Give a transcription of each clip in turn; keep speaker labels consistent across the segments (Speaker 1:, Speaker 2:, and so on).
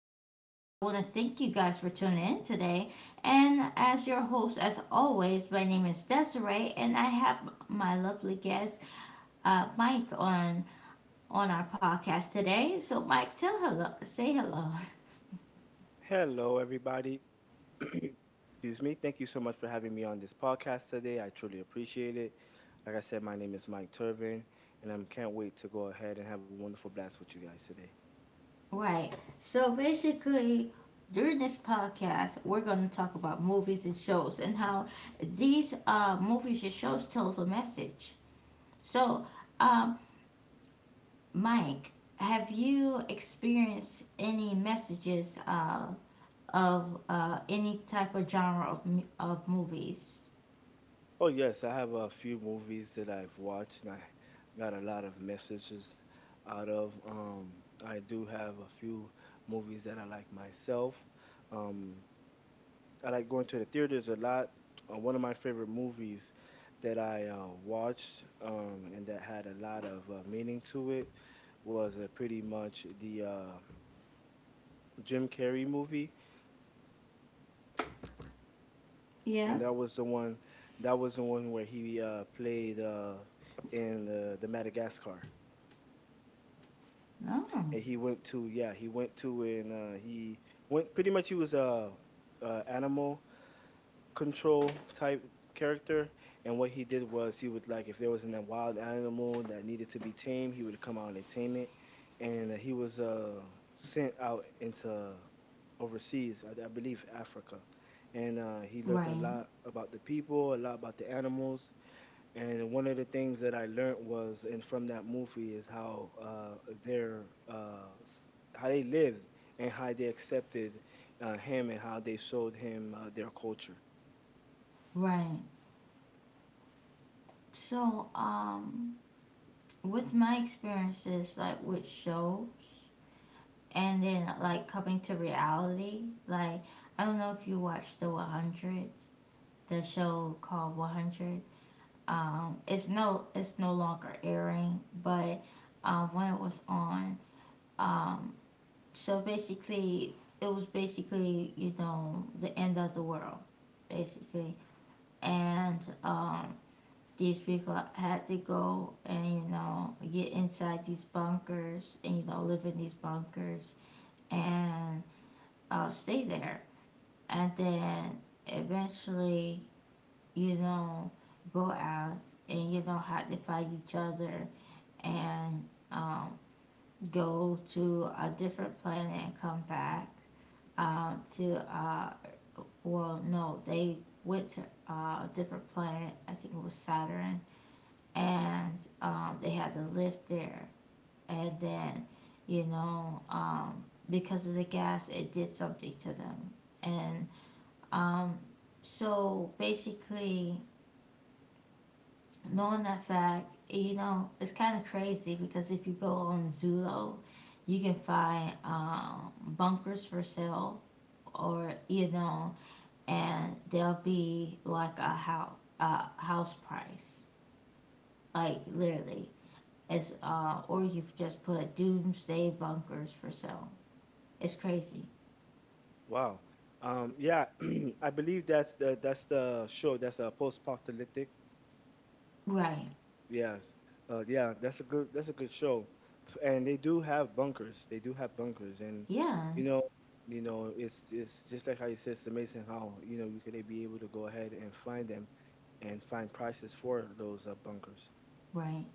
Speaker 1: Podcast. I want to thank you guys for tuning in today. And as your host, as always, my name is Desiree, and I have my lovely guest, Mike, on our podcast today. So, Mike, tell hello, say hello.
Speaker 2: Hello, everybody. Excuse me. Thank you so much for having me on this podcast today. I truly appreciate it. Like I said, my name is Mike Turvin, and I can't wait to go ahead and have a wonderful blast with you guys today.
Speaker 1: Right. So basically, during this podcast, we're going to talk about movies and shows and how these movies and shows tells a message. So, um, Mike, have you experienced any messages of any type of genre of, of movies?
Speaker 2: Oh, yes, I have a few movies that I've watched, and I got a lot of messages out of. I do have a few movies that I like myself. Um, I like going to the theaters a lot. One of my favorite movies that I watched and that had a lot of meaning to it was pretty much the Jim Carrey movie,
Speaker 1: Yeah.
Speaker 2: and that was the one where he played in the Madagascar,
Speaker 1: No.
Speaker 2: and he went to and he went pretty much he was a animal control type character. And what he did was, he would, like, if there was a wild animal that needed to be tamed, he would come out and tame it. And he was sent out into overseas. I believe Africa, and he learned a
Speaker 1: Right,
Speaker 2: lot about the people, a lot about the animals, and one of the things that I learned was, and from that movie, is how their uh s- how they lived and how they accepted him and how they showed him their culture.
Speaker 1: right. So, with my experiences, like with shows, and then like coming to reality, like I don't know if you watched the Hundred, the show called Hundred. It's no longer airing, but when it was on, um, so basically, it was basically, you know, the end of the world, basically, and these people had to go and, you know, get inside these bunkers and, you know, live in these bunkers and stay there, and then eventually you don't go out and you don't have to fight each other and um, go to a different planet and come back to well no, they went to a different planet. I think it was Saturn, and they had to live there, and then, you know, because of the gas, it did something to them, and um, so basically, knowing that fact, you know, it's kind of crazy because if you go on Zillow, you can find bunkers for sale, or you know, and they'll be like a house price, like literally. It's or you just put doomsday bunkers for sale. It's crazy,
Speaker 2: Wow. Yeah, I believe that's the show. That's a post-apocalyptic.
Speaker 1: right?
Speaker 2: Yes. Yeah, that's a good show. And they do have bunkers. They do have bunkers, and
Speaker 1: Yeah,
Speaker 2: you know, you know, it's just like how you said, it's amazing how you know you could be able to go ahead and find them and find prices for those bunkers.
Speaker 1: right.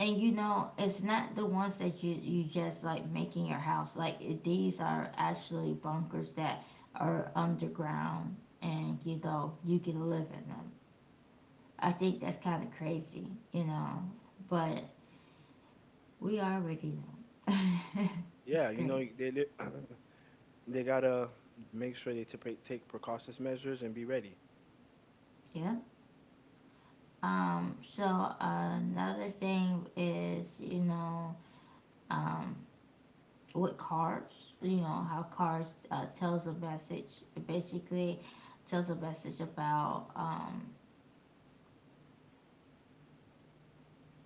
Speaker 1: And you know, it's not the ones that you just like make in your house. Like it- these are actually bunkers that are underground, and you know you can live in them. I think that's kind of crazy, you know. But we already know. It's
Speaker 2: Yeah, you know,
Speaker 1: crazy.
Speaker 2: they gotta make sure take precautious measures and be ready.
Speaker 1: Yeah. So another thing is, you know, um, with cards. You know how cards tells a message. It basically tells a message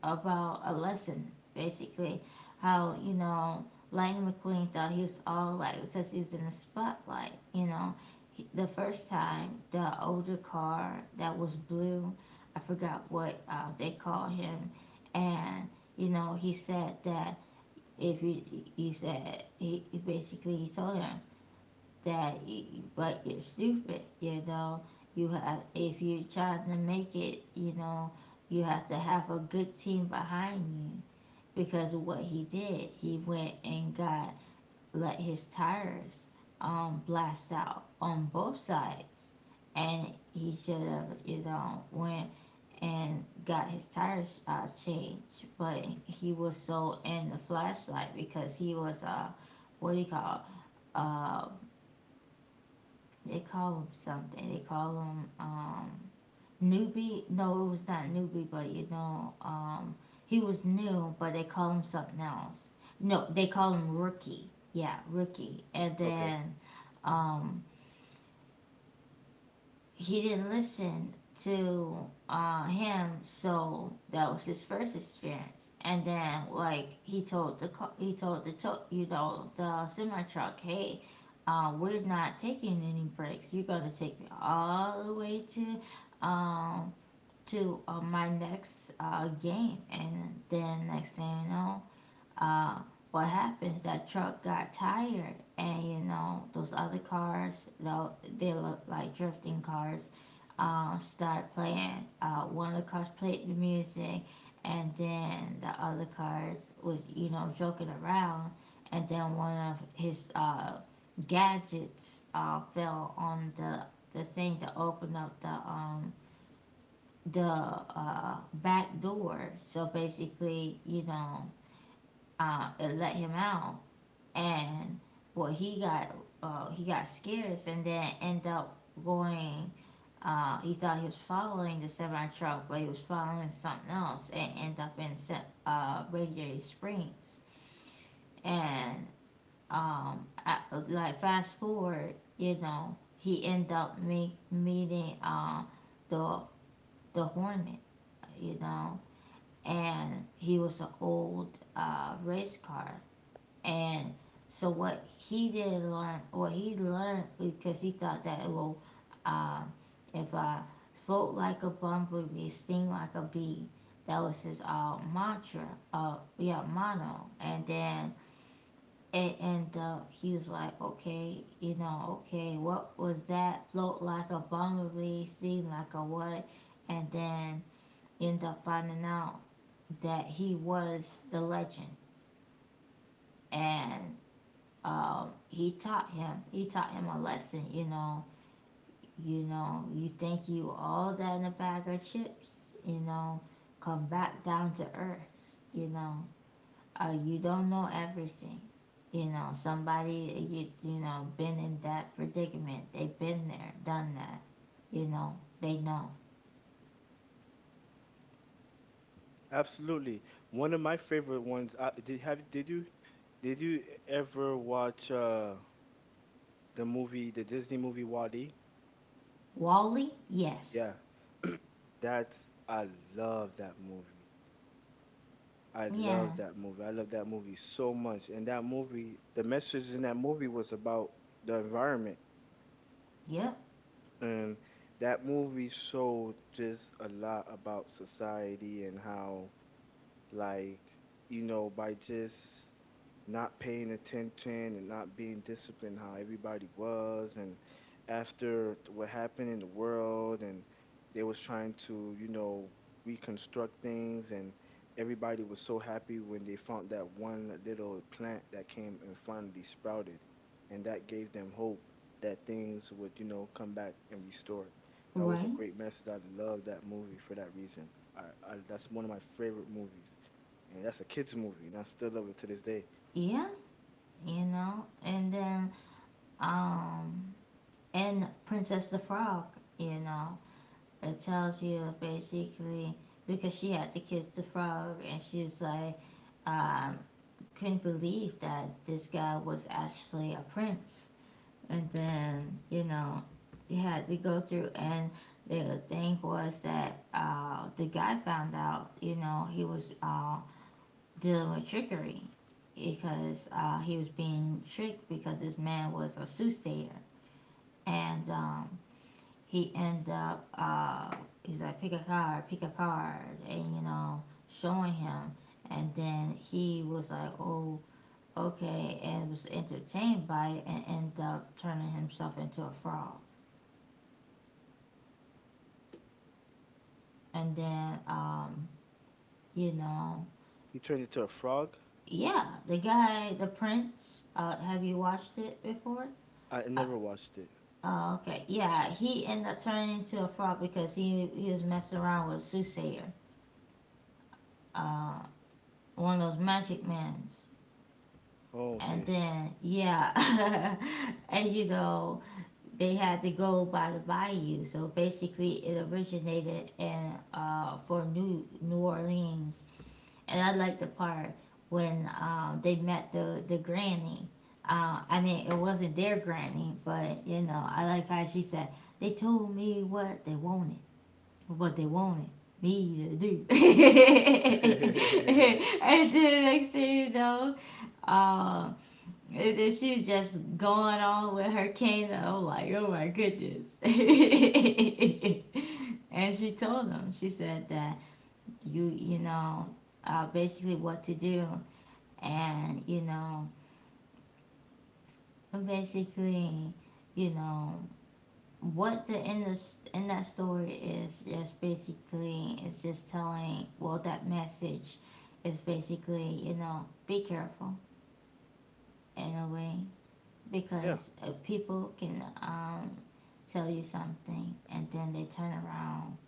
Speaker 1: about a lesson. Basically, how, you know, Lightning McQueen thought he was all like because he was in the spotlight. You know, He- the first time the older car that was blue, I forgot what they call him, and you know he said that if you you said he basically he told him that but you're stupid, you know, you have if you're trying to make it, you know, you have to have a good team behind you because of what he did. He went and got, let his tires blast out on both sides, and he should have, you know, went and got his tires changed, but he was so in the flashlight because he was what do you call it? uh they call them something. They call them newbie. No, it was not newbie, but you know, he was new, but they call him something else. No, they call him rookie. Yeah, rookie. And
Speaker 2: Okay.
Speaker 1: then um, he didn't listen to him, so that was his first experience. And then like he told the you know, the semi truck, hey, we're not taking any breaks. You're gonna take me all the way to um, my next game, and then next thing you know, uh, what happens, that truck got tired, and you know those other cars, though, they look like drifting cars, start playing one of the cars played the music, and then the other cars was, you know, joking around, and then one of his gadgets fell on the thing to open up the back door, so basically, you know, it let him out, and well, he got scared and then end up going. He thought he was following the semi truck, but he was following something else, and end up in Radiator Springs, and um, I, like fast forward, you know, he end up meeting the the Hornet, you know, and he was an old race car, and so what he did learn, what he learned, because he thought that, well, um, if I float like a bumblebee, sting like a bee, that was his mantra, yeah, mono. And then it ended up, he was like, okay, you know, okay, what was that? Float like a bumblebee, sting like a what? And then end up finding out that he was the legend. And he taught him. He taught him a lesson. You know, you know, you think you all that in a bag of chips. You know, come back down to earth. You know, you don't know everything. You know, somebody you, you know, been in that predicament. They've been there, done that. You know, they know.
Speaker 2: Absolutely. One of my favorite ones. Did you did you ever watch the movie, the Disney movie Wall-E?
Speaker 1: Wally,
Speaker 2: Yeah,
Speaker 1: yes,
Speaker 2: that's, I love that movie. I
Speaker 1: yeah,
Speaker 2: love that movie. I love that movie so much. And that movie, the message in that movie was about the environment.
Speaker 1: yep,
Speaker 2: And that movie showed just a lot about society and how, like, you know, by just not paying attention and not being disciplined, how everybody was, and after what happened in the world, and they was trying to, you know, reconstruct things. And everybody was so happy when they found that one little plant that came and finally sprouted, and that gave them hope that things would, you know, come back and restore. That was a
Speaker 1: right,
Speaker 2: great message. I love that movie for that reason. I That's one of my favorite movies, and that's a kids movie, and I still love it to this day.
Speaker 1: yeah. You know, and then um and Princess the Frog, you know, it tells you basically because she had to kiss the frog and she was like, um, couldn't believe that this guy was actually a prince. And then, you know, he had to go through, and the thing was that the guy found out, you know, he was dealing with trickery because he was being tricked because this man was a soothsayer. And he end up he's like, pick a card, pick a card, and you know, showing him, and then he was like, oh, okay, and was entertained by it and end up turning himself into a frog. And then you know,
Speaker 2: He turned into a frog.
Speaker 1: yeah, the guy, the prince, have you watched it before?
Speaker 2: I
Speaker 1: uh,
Speaker 2: never watched it.
Speaker 1: oh, okay. Yeah, he ended up turning into a frog because he was messing around with a soothsayer, uh, one of those magic mans,
Speaker 2: Oh,
Speaker 1: and
Speaker 2: okay.
Speaker 1: then yeah and you know, they had to go by the bayou, so basically it originated in for New Orleans, and I like the part when they met the granny. I mean, it wasn't their granny, but you know, I like how she said they told me what they wanted me to do, and then next thing you know, um, and then she just going on with her kingdom. I'm like, oh my goodness. And she told him, she said that you know, basically what to do, and you know, basically, you know, what the in this in that story is just basically it's just telling. Well, that message is basically, you know, be careful in a way,
Speaker 2: Yeah,
Speaker 1: because people can tell you something and then they turn around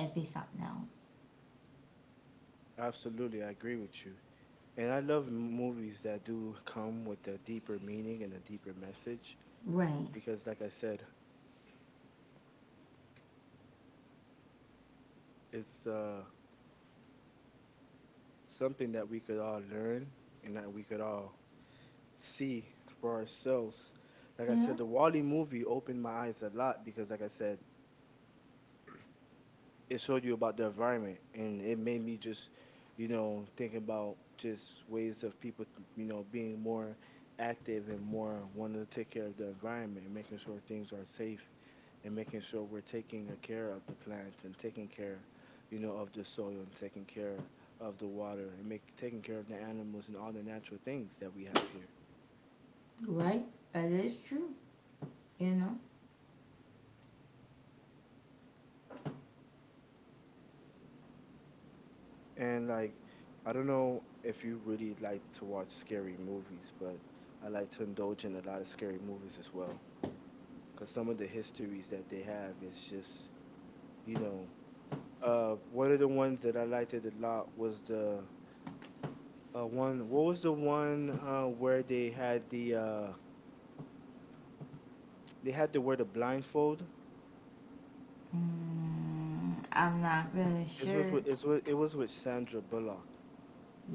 Speaker 1: and be something else.
Speaker 2: absolutely. I agree with you. And I love movies that do come with a deeper meaning and a deeper message,
Speaker 1: Right.
Speaker 2: because, like I said, it's something that we could all learn and that we could all see for ourselves. Like I said,
Speaker 1: Yeah,
Speaker 2: the Wally movie opened my eyes a lot because, like I said, it showed you about the environment, and it made me just, you know, thinking about just ways of people, you know, being more active and more wanting to take care of the environment and making sure things are safe and making sure we're taking a care of the plants and taking care, you know, of the soil, and taking care of the water, and make taking care of the animals and all the natural things that we have here.
Speaker 1: right. That is true, you know.
Speaker 2: And, like, I don't know if you really like to watch scary movies, but I like to indulge in a lot of scary movies as well, because some of the histories that they have is just, you know, one of the ones that I liked it a lot was the one what was the one where they had they had to wear the blindfold.
Speaker 1: Mm, I'm not really sure.
Speaker 2: It was with Sandra Bullock.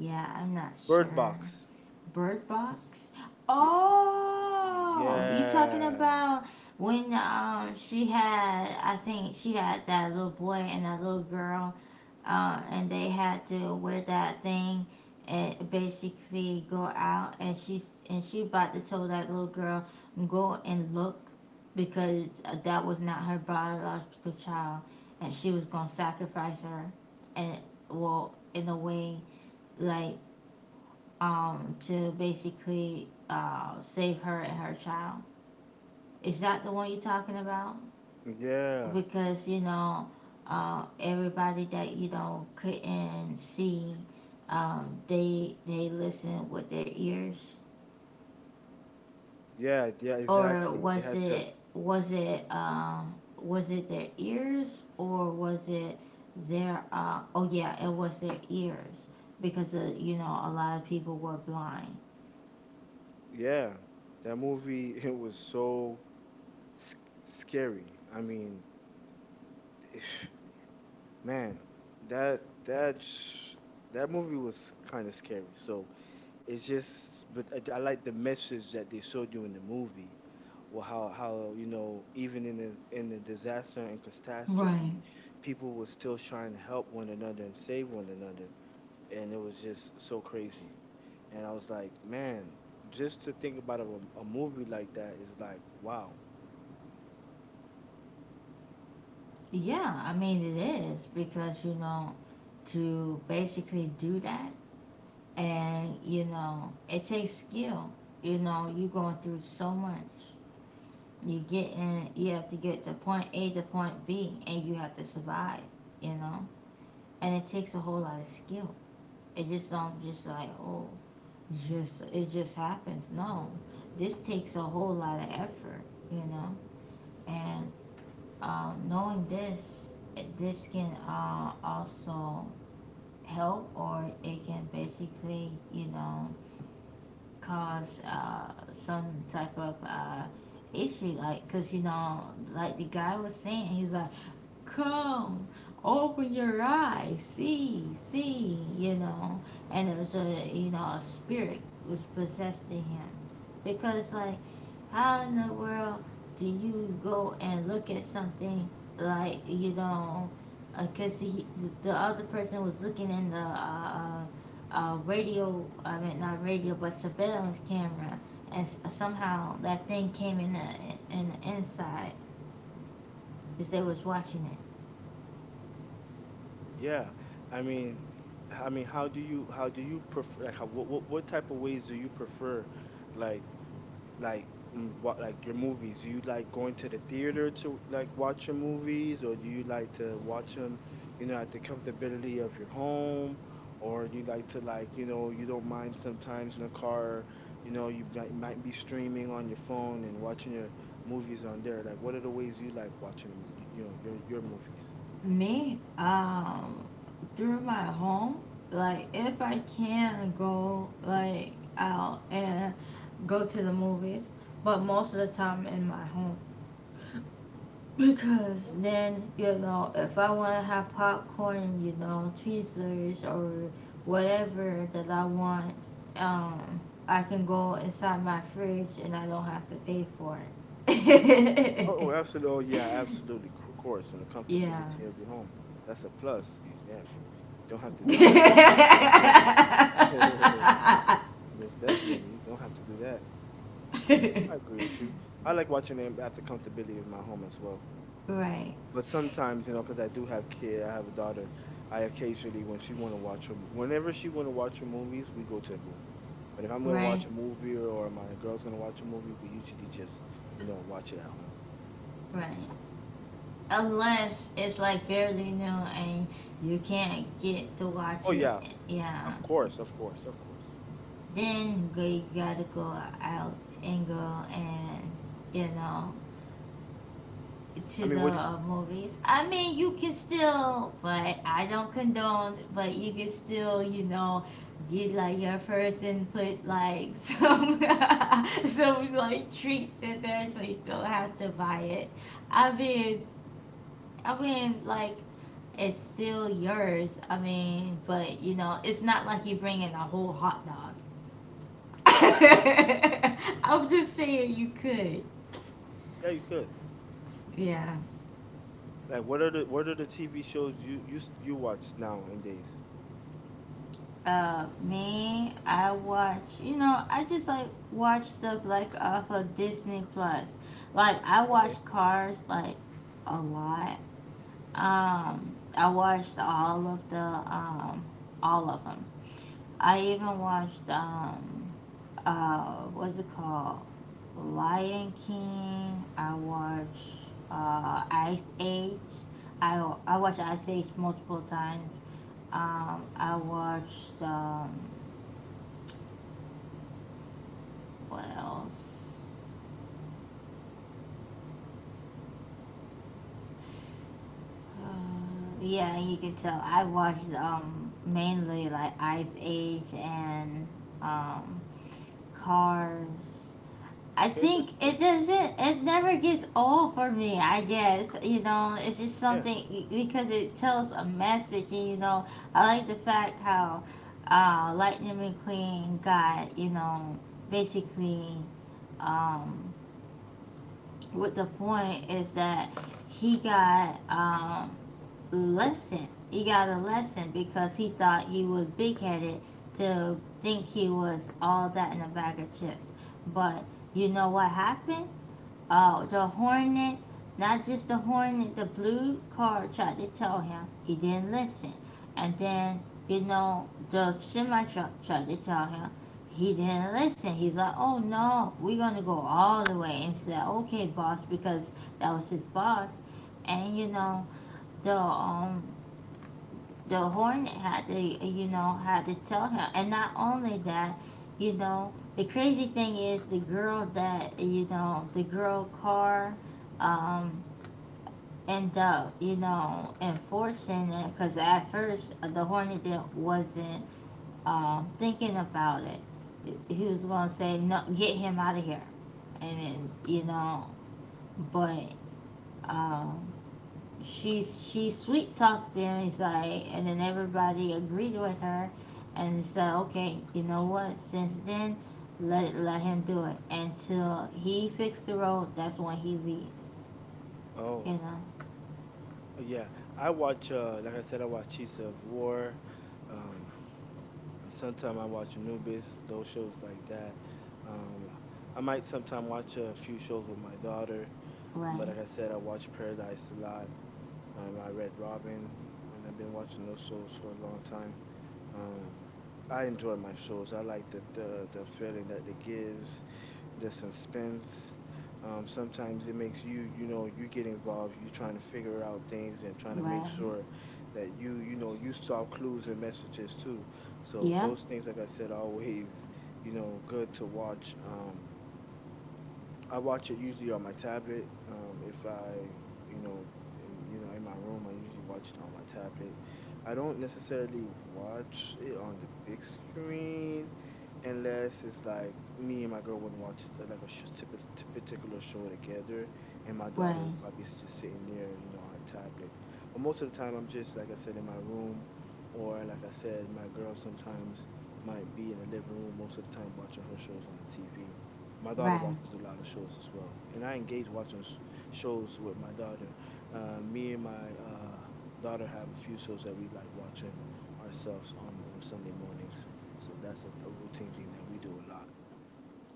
Speaker 1: Yeah, I'm not
Speaker 2: Bird
Speaker 1: sure.
Speaker 2: Box.
Speaker 1: Bird Box?
Speaker 2: Ye-
Speaker 1: Oh, you talking
Speaker 2: yeah
Speaker 1: about when she had, I think she had that little boy and that little girl, and they had to wear that thing and basically go out, and she's, and she about to tell that little girl go and look because that was not her biological child and she was gonna sacrifice her, and well, in a way, like to basically save her and her child. Is that the one you're talking about?
Speaker 2: yeah
Speaker 1: Because you know, everybody that, you know, couldn't see, they listened with their ears,
Speaker 2: yeah,
Speaker 1: or
Speaker 2: exactly, they had
Speaker 1: was
Speaker 2: to.
Speaker 1: it, was it was it their ears or was it their oh yeah, it was their ears because you know, a lot of people were blind.
Speaker 2: Yeah, that movie it was so sc- scary. I mean, man, that that sh- that movie was kind of scary. So it's just, but I like the message that they showed you in the movie. Well, how you know, even in the disaster and
Speaker 1: Right.
Speaker 2: catastrophe, people were still trying to help one another and save one another, and it was just so crazy. And I was like, man, just to think about a movie like that is like, wow.
Speaker 1: Yeah, I mean it is because you know to basically do that, and you know it takes skill. You know, you're going through so much. You get in, you have to get to point A to point B, and you have to survive, you know? And it takes a whole lot of skill. It just don't just like, oh, just it just happens. No. This takes a whole lot of effort, you know? And knowing this, this can also help, or it can basically, you know, cause some type of issue. Like, because, you know, like the guy was saying, he's like, come, open your eyes, see, see, you know. And it was, a, you know, a spirit was possessed in him. Because, like, how in the world do you go and look at something like, you know? Because he, the other person was looking in the radio. I mean, not radio, but surveillance camera, and somehow that thing came in the inside because they was watching it.
Speaker 2: Yeah, I mean, I mean, how do you prefer, like, how, what type of ways do you prefer, like like, what, like, your movies? Do you like going to the theater to, like, watch your movies, or do you like to watch them, you know, at the comfortability of your home, or do you like to, like, you know, you don't mind sometimes in the car, you know, you might be streaming on your phone and watching your movies on there? Like, what are the ways you like watching them, you know, your movies?
Speaker 1: Me, through my home, like if I can go like out and go to the movies, but most of the time in my home. Because then, you know, if I want to have popcorn, you know, tweezers or whatever that I want, um, I can go inside my fridge and I don't have to pay for it.
Speaker 2: Oh, oh, absolutely. Oh, yeah, absolutely. Of course, and the
Speaker 1: Yeah.
Speaker 2: comfortability of your home. That's a plus. You- yeah, don't have to definitely pay for food that's there. Most definitely, don't have to do that. I agree with you. I like watching them at the comfortability of my home as well.
Speaker 1: Right,
Speaker 2: But sometimes, you know, because I do have kid, I have a daughter. I occasionally, when she want to watch her, whenever she want to watch her movies, we go to the movie. But if I'm going to
Speaker 1: right,
Speaker 2: watch a movie, or my girl's going to watch a movie, we usually just, you know, watch it at home.
Speaker 1: right. Unless it's like fairly new and you can't get to watch
Speaker 2: Oh
Speaker 1: it.
Speaker 2: yeah,
Speaker 1: Yeah.
Speaker 2: of course, of course, of course.
Speaker 1: Then they gotta go out and go and you know
Speaker 2: I
Speaker 1: to the
Speaker 2: mean, what did?
Speaker 1: movies. I mean, you can still, but I don't condone. But you can still, you know, get like your first and put like some some like treats in there, so you don't have to buy it. I mean, I mean. It's still yours. I mean, but you know, it's not like you bring in a whole hot dog.
Speaker 2: Yeah,
Speaker 1: I'm just saying you could.
Speaker 2: yeah, you could.
Speaker 1: Yeah.
Speaker 2: Like, what are the TV shows you you watch now and days?
Speaker 1: Me, I watch. You know, I just like watch stuff like off of Disney Plus. Like I watch
Speaker 2: Okay,
Speaker 1: Cars like a lot. I watched all of the all of them. I even watched what's it called? Lion King. I watch Ice Age. I watch Ice Age multiple times. I watched what else? Yeah, you can tell I watched mainly like Ice Age and um, Cars. I
Speaker 2: okay,
Speaker 1: think
Speaker 2: that's
Speaker 1: it
Speaker 2: good.
Speaker 1: doesn't. It never gets old for me. I guess you know. It's just
Speaker 2: Yeah.
Speaker 1: something because it tells a message, and you know, I like the fact how Lightning McQueen got you know basically um, what the point is that he got lesson. He got a lesson because he thought he was big headed to think he was all that in a bag of chips, but you know what happened. Oh, the hornet, not just the hornet, the blue car tried to tell him. He didn't listen. And then, you know, the semi truck tried to tell him. He didn't listen. He's like, oh no, we're going to go all the way. And said, okay, boss, because that was his boss. And, you know, the um, the hornet had to, you know, had to tell him. And not only that, you know, the crazy thing is the girl that, you know, the girl car um, ended up, you know, enforcing it because at first the hornet wasn't thinking about it. He was going to say, no, get him out of here. And, then, you know, but um, she sweet talked him. He's like, and then everybody agreed with her, and he said, okay, you know what? Since then, let him do it until he fixed the road. That's when he leaves. You
Speaker 2: Oh,
Speaker 1: know,
Speaker 2: oh, yeah. I watch. Like I said, I watch Chiefs of War. Um, sometimes I watch Anubis. Those shows like that. Um, I might sometimes watch a few shows with my daughter. But
Speaker 1: right,
Speaker 2: like I said, I watch Paradise a lot. I read Robin, and I've been watching those shows for a long time. Um, I enjoy my shows. I like the feeling that it gives, the suspense. Sometimes it makes you, you know, you get involved. You trying to figure out things and trying to make
Speaker 1: right,
Speaker 2: sure that you know, you saw clues and messages too. So
Speaker 1: yeah,
Speaker 2: those things, like I said, always, you know, good to watch. I watch it usually on my tablet. If I, you know, you know, in my room, I usually watch it on my tablet. I don't necessarily watch it on the big screen unless it's like me and my girl would watch like a sh- typi- t- particular show together, and my daughter is
Speaker 1: right,
Speaker 2: probably just sitting there, you know, on her tablet. But most of the time, I'm just, like I said, in my room, or like I said, my girl sometimes might be in the living room most of the time watching her shows on the TV. My daughter
Speaker 1: right,
Speaker 2: watches a lot of shows as well, and I engage watching shows with my daughter. Me and my daughter have a few shows that we like watching ourselves on Sunday mornings. So that's a routine thing that we do a lot.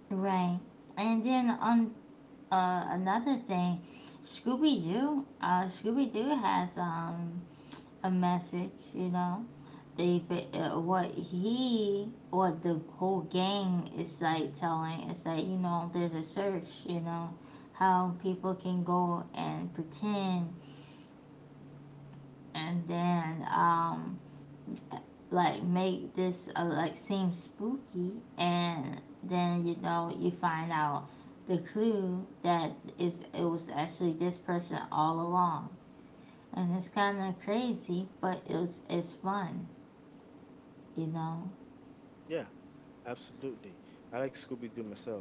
Speaker 1: right. And then on another thing, Scooby Doo, Scooby Doo has a message, you know. They what he or the whole gang is like telling is that you know there's a search, you know, how people can go and pretend and then like make this like seem spooky and then you know you find out the clue that is it was actually this person all along and it's kind of crazy but it's fun, you know.
Speaker 2: Yeah, absolutely. I like Scooby Doo myself,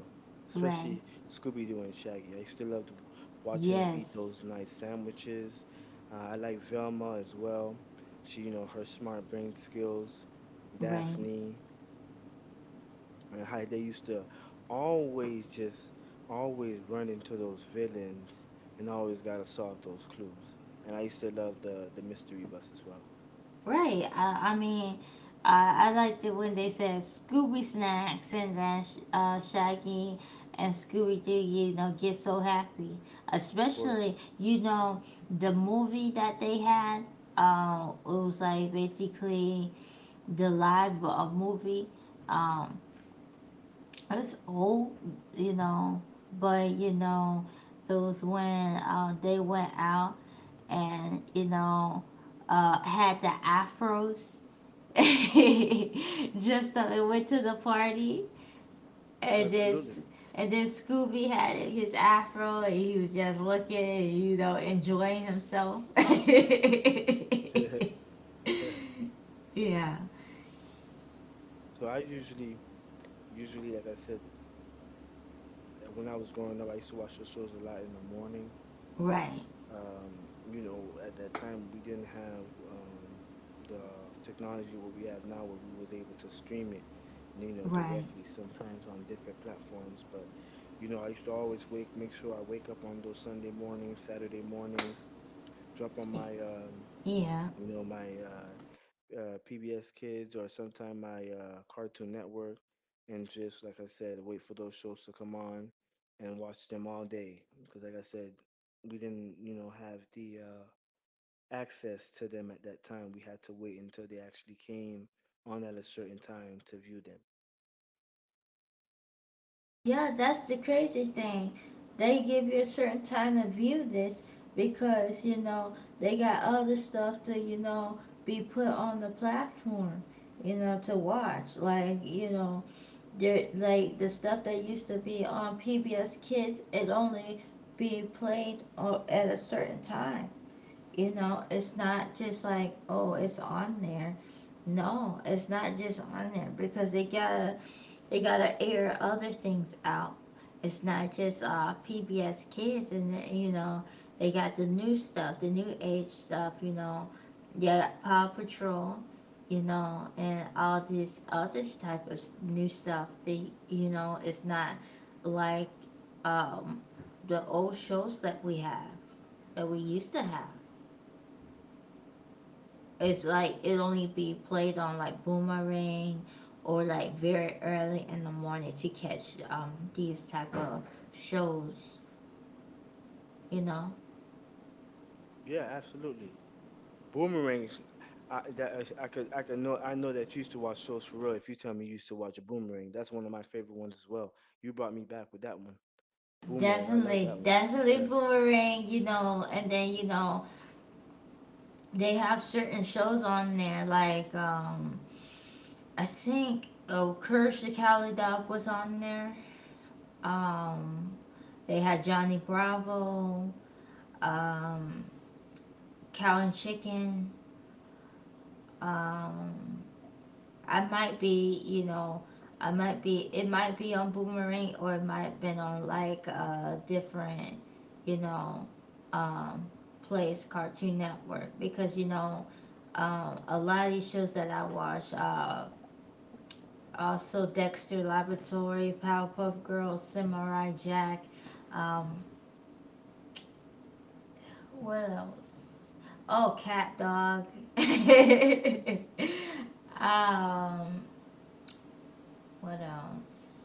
Speaker 1: Right.
Speaker 2: especially Scooby Doo and Shaggy. I used to love to watching them eat
Speaker 1: Yes.
Speaker 2: those nice sandwiches. I like Velma as well. She, you know, her smart brain skills.
Speaker 1: Right.
Speaker 2: Daphne. And how they used to always just always run into those villains and always gotta solve those clues. And I used to love the mystery bus as well.
Speaker 1: Right. I mean, I liked it when they said Scooby Snacks and then Shaggy and Scooby Doo, you know, get so happy.
Speaker 2: Of course.
Speaker 1: Especially, you know, the movie that they had, it was like basically the live movie. Um, It's old, you know, but you know, it was when they went out and you know had the afros. Just and went to the party and
Speaker 2: Absolutely.
Speaker 1: this and then Scooby had his afro and he was just looking, you know, enjoying himself.
Speaker 2: So
Speaker 1: Yeah,
Speaker 2: I usually, like I said, when I was growing up, I used to watch those shows a lot in the morning.
Speaker 1: right,
Speaker 2: You know, at that time we didn't have the technology what we have now where we was able to stream it, you know,
Speaker 1: right,
Speaker 2: directly sometimes on different platforms. But, you know, I used to always wake, make sure I wake up on those Sunday mornings, Saturday mornings, drop on my,
Speaker 1: yeah.
Speaker 2: you know, my PBS Kids or sometime my Cartoon Network, and just like I said, wait for those shows to come on and watch them all day. Because like I said, we didn't, you know, have the access to them at that time. We had to wait until they actually came on at a certain time to view them.
Speaker 1: Yeah, that's the crazy thing. They give you a certain time to view this because, you know, they got other stuff to, you know, be put on the platform, you know, to watch. Like, you know, there like the stuff that used to be on PBS Kids, it only be played o- at a certain time. You know, it's not just like, oh, it's on there. No, it's not just on there because they gotta air other things out. It's not just PBS Kids, and you know they got the new stuff, the new age stuff. You know, yeah, Paw Patrol, you know, and all this other type of new stuff. They, you know, it's not like um, the old shows that we used to have. It's like it only be played on like Boomerang or like very early in the morning to catch these type of shows, you know.
Speaker 2: Yeah, absolutely. Boomerangs. I, that, I could know I know that you used to watch shows for real. If you tell me you used to watch a Boomerang, that's one of my favorite ones as well. You brought me back with that one. Boomerang, I love that
Speaker 1: Definitely,
Speaker 2: one.
Speaker 1: definitely
Speaker 2: Yeah.
Speaker 1: Boomerang, you know, and then you know they have certain shows on there like I think oh Courage the Cowardly Dog was on there. Um they had Johnny Bravo, um Cow and Chicken, um I might be, you know, I might be, it might be on Boomerang or it might have been on like a different, you know, um, place, Cartoon Network, because, you know, a lot of these shows that I watch, also Dexter Laboratory, Powerpuff Girls, Samurai Jack, um, what else? Oh, Cat Dog. um, what else?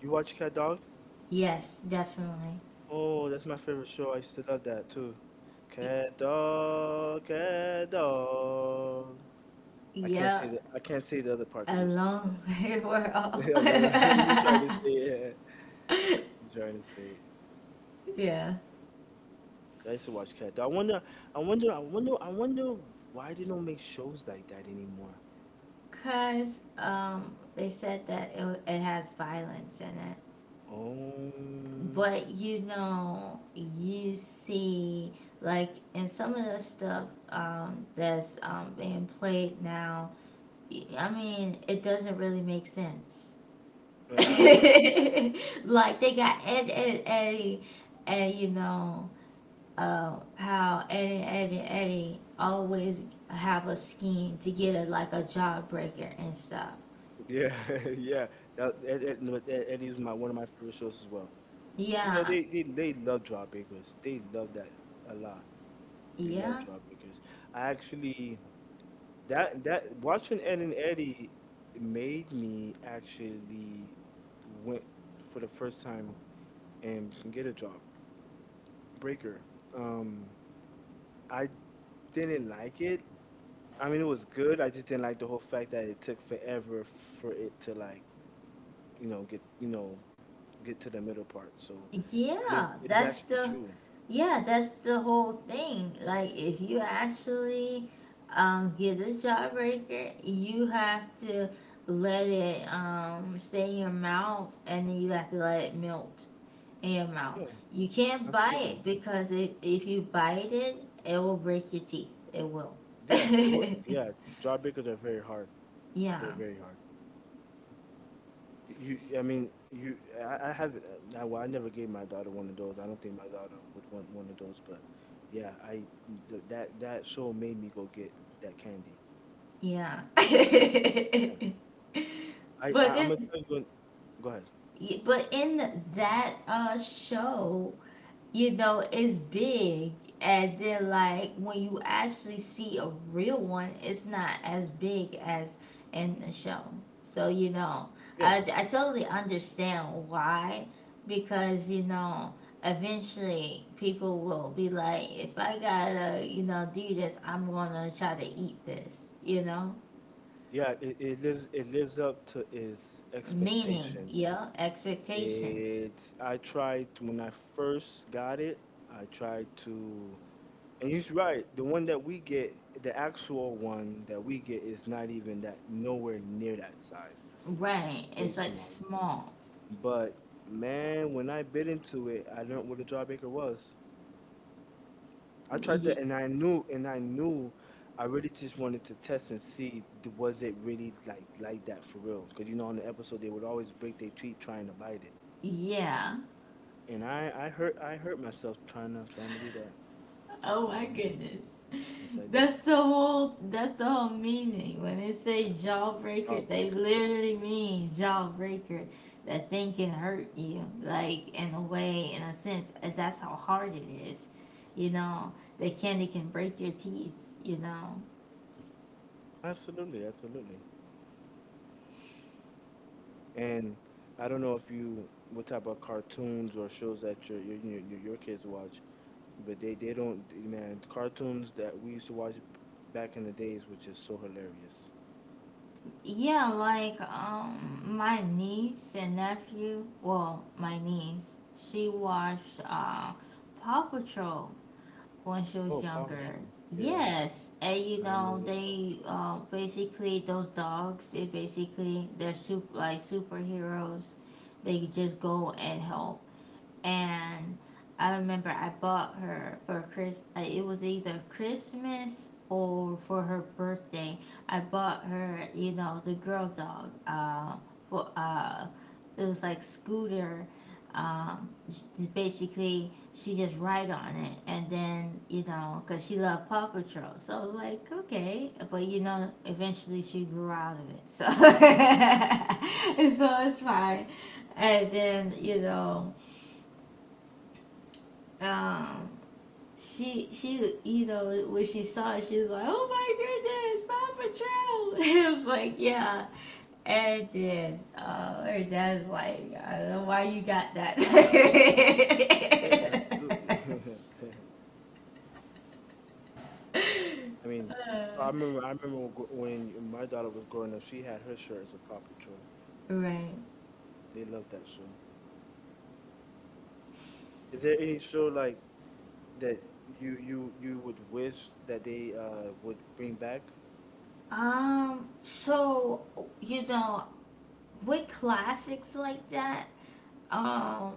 Speaker 2: You watch Cat Dog?
Speaker 1: Yes, definitely.
Speaker 2: Oh, that's my favorite show. I used to love that too.
Speaker 1: Y-
Speaker 2: Cat Dog, Cat Dog.
Speaker 1: Yeah,
Speaker 2: I can't say the other part because
Speaker 1: a
Speaker 2: it was too
Speaker 1: long
Speaker 2: fast.
Speaker 1: way for all.
Speaker 2: Hello, you trying to say it. Yeah. You trying to say it.
Speaker 1: Yeah.
Speaker 2: I used to watch cat. I wonder why they don't make shows like that anymore.
Speaker 1: Because they said that it has violence in it.
Speaker 2: Um
Speaker 1: But you know, you see, like in some of the stuff that's being played now, I mean, it doesn't really make sense.
Speaker 2: yeah,
Speaker 1: Like
Speaker 2: abs- yeah,
Speaker 1: they got Eddie, and you know, how Eddie always have a scheme to get a like a jawbreaker and stuff.
Speaker 2: yeah. Yeah. That, that, that, no, that Eddie is my one of my favorite shows as well. You know
Speaker 1: Yeah,
Speaker 2: they love Jawbreakers. They love that a lot. They love
Speaker 1: yeah,
Speaker 2: Jawbreakers. I actually that that watching Ed and Eddie made me actually went for the first time and get a job. Breaker. Um, I didn't like it. I mean, it was good. I just didn't like the whole fact that it took forever for it to like, you know, get to the middle part. So, but
Speaker 1: yeah.
Speaker 2: it's, it is actually true.
Speaker 1: Yeah, that's the whole thing. Like if you actually get a jawbreaker, you have to let it stay in your mouth, and then you have to let it melt in your mouth.
Speaker 2: Yeah,
Speaker 1: You can't buy
Speaker 2: absolutely.
Speaker 1: it because it, if you bite it, it will break your teeth. It will.
Speaker 2: Yeah, it was. Yeah, job breakers are very hard. They're
Speaker 1: Yeah,
Speaker 2: very hard. You, I mean, you. I haven't. I, well, I never gave my daughter one of those. I don't think my daughter would want one of those. But yeah, I th- that that show made me go get that candy.
Speaker 1: yeah. but
Speaker 2: I'm gonna
Speaker 1: then,
Speaker 2: tell you. Go ahead.
Speaker 1: but in that show, you know, it's big. And then, like, when you actually see a real one, it's not as big as in the show. So, you know,
Speaker 2: Yeah,
Speaker 1: I totally understand why. Because, you know, eventually people will be like, if I gotta, you know, do this, I'm gonna try to eat this, you know?
Speaker 2: yeah. It, it lives up to its
Speaker 1: Meaning,
Speaker 2: expectations.
Speaker 1: yeah, expectations.
Speaker 2: It's I tried to- when I first got it. I tried to, and he's right. The actual one that we get, is not even that nowhere near that size. It's
Speaker 1: Right.
Speaker 2: way
Speaker 1: It's like
Speaker 2: smaller.
Speaker 1: small.
Speaker 2: But man, when I bit into it, I learned what a jawbreaker was. I tried to,
Speaker 1: Y-
Speaker 2: and I knew, I really just wanted to test and see was it really like that for real? Because you know, on the episode they would always break their treat trying to bite it,
Speaker 1: yeah.
Speaker 2: and I hurt myself trying to do that.
Speaker 1: Oh
Speaker 2: Yeah,
Speaker 1: my
Speaker 2: I hurt myself.
Speaker 1: goodness.
Speaker 2: Yes, I did.
Speaker 1: That's the whole meaning. When they
Speaker 2: Yeah,
Speaker 1: say jawbreaker, they
Speaker 2: jawbreaker.
Speaker 1: literally mean jawbreaker. That thing can hurt you. Like in a way, in a sense, that's how hard it is. You know, the candy can break your teeth, you know.
Speaker 2: Absolutely, absolutely. And I don't know if you what type of cartoons or shows that your kids watch, but they don't man the cartoons that we used to watch back in the days, which is so hilarious.
Speaker 1: Yeah, like my niece and nephew, well, my niece, she watched Paw Patrol when she was
Speaker 2: Oh,
Speaker 1: younger.
Speaker 2: publishing. Yeah,
Speaker 1: Yes, and you
Speaker 2: I remember
Speaker 1: know
Speaker 2: the
Speaker 1: they
Speaker 2: publishing.
Speaker 1: basically those dogs. It basically they're super like superheroes. They just go and help and I remember I bought her for Chris. It was either Christmas or for her birthday. I bought her, you know, the girl dog. For it was like Scooter. Basically she just ride on it, and then you know, cause she loved Paw Patrol. So I was like, okay, but you know, eventually she grew out of it. So, so it's fine. And then you know um she you know when she saw it she was like oh my goodness Paw Patrol it was like yeah and then her dad's like I don't know why you got that.
Speaker 2: Yeah, absolutely. I mean,
Speaker 1: Uh,
Speaker 2: I remember when when my daughter was growing up, she had her shirt as a Paw Patrol.
Speaker 1: right
Speaker 2: They loved that show. Is there any show like that you would wish that they would bring back?
Speaker 1: so you know with classics like that um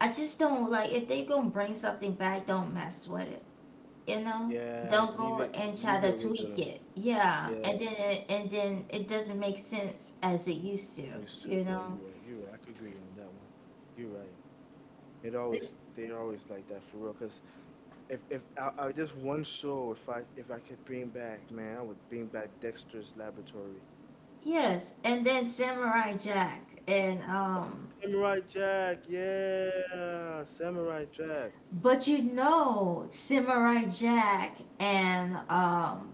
Speaker 1: I just don't like if they're gonna bring something back don't mess with it, you know.
Speaker 2: Yeah,
Speaker 1: Don't
Speaker 2: leave
Speaker 1: go
Speaker 2: it
Speaker 1: and try
Speaker 2: leave
Speaker 1: to
Speaker 2: it
Speaker 1: tweak
Speaker 2: original.
Speaker 1: it, yeah,
Speaker 2: Yeah,
Speaker 1: and then it doesn't make sense as it used to,
Speaker 2: used to.
Speaker 1: you
Speaker 2: Yeah,
Speaker 1: know.
Speaker 2: you're right. You're right. I could agree on that one. You're right. It always they always like that for real. 'Cause if I, I just one show, if I could bring back, man, I would bring back Dexter's Laboratory.
Speaker 1: Yes, and then Samurai Jack and
Speaker 2: Samurai Jack, yeah, Samurai Jack.
Speaker 1: but you know Samurai Jack and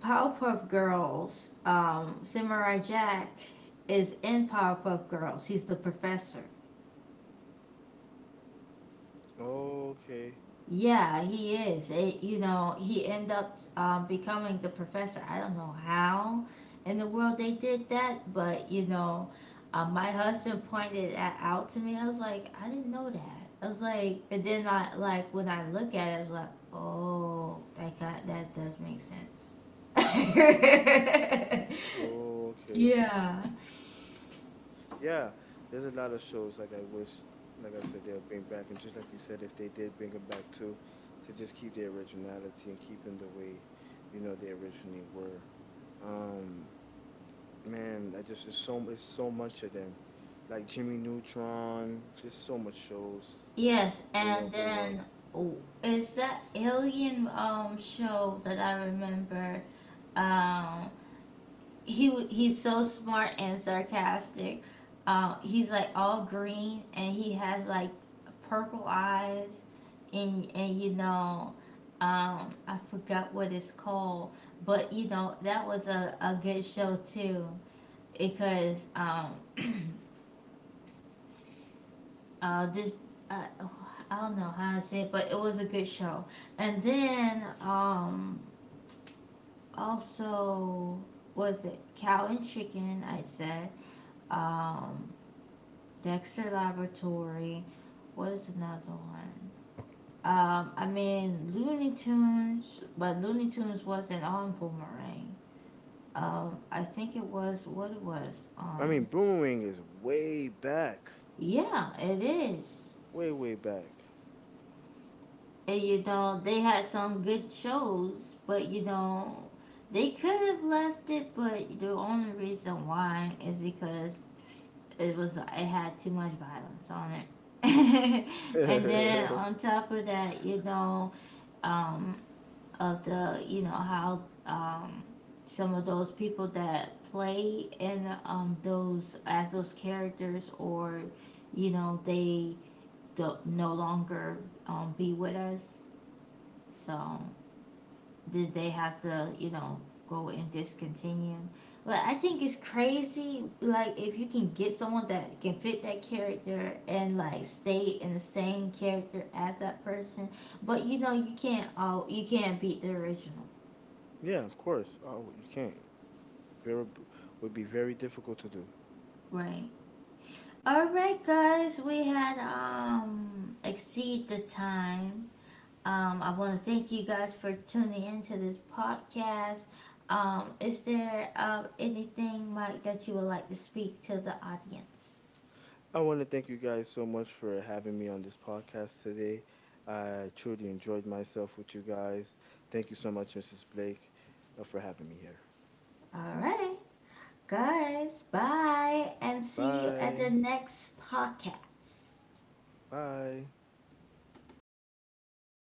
Speaker 1: Powerpuff Girls, Samurai Jack is in Powerpuff Girls, he's the professor.
Speaker 2: Okay,
Speaker 1: Yeah, he is. It, you know, he end up becoming the professor. I don't know how in the world they did that, but you know, my husband pointed that out to me. I was like, I didn't know that. I was like, and then I like when I look at it, I was like, oh, that got, that does make sense.
Speaker 2: okay,
Speaker 1: Yeah.
Speaker 2: yeah. There's a lot of shows like I wish, like I said, they'll bring back, and just like you said, if they did bring them back too, to just keep their originality and keep them the way, you know, they originally were. Um, Man, that just is so it's so much of them. Like Jimmy Neutron, just so much shows,
Speaker 1: Yes,
Speaker 2: you know,
Speaker 1: and
Speaker 2: grew up.
Speaker 1: then oh, is that alien show that I remember? Um, he's so smart and sarcastic. He's like all green and he has like purple eyes and you know I forgot what it's called, but you know that was a good show too because this uh, I don't know how to say it, but it was a good show. And then also was it Cow and Chicken? I said um, Dexter Laboratory. What is another one? I mean Looney Tunes, but Looney Tunes wasn't on Boomerang. I think it was what it was
Speaker 2: I mean,
Speaker 1: on.
Speaker 2: Boomerang is way back.
Speaker 1: Yeah, it is.
Speaker 2: Way, way back.
Speaker 1: And you know they had some good shows, but you know they could have left it, but the only reason why is because it had too much violence on it. And then on top of that, you know, um, of the you know how some of those people that play in those as those characters or you know they don't, no longer be with us, so did they have to you know go and discontinue, but I think it's crazy like if you can get someone that can fit that character and like stay in the same character as that person, but you know you can't all you can't beat the original.
Speaker 2: Yeah, of course. Oh, you can't. Very would be very difficult to do.
Speaker 1: Right. All right, guys, we had exceed the time. I want to thank you guys for tuning into this podcast. Is there anything, Mike, that you would like to speak to the audience?
Speaker 2: I want to thank you guys so much for having me on this podcast today. I truly enjoyed myself with you guys. Thank you so much, Mrs. Blake, for having me here.
Speaker 1: All right, guys, bye, and see you at the
Speaker 2: Bye.
Speaker 1: next podcast.
Speaker 2: Bye.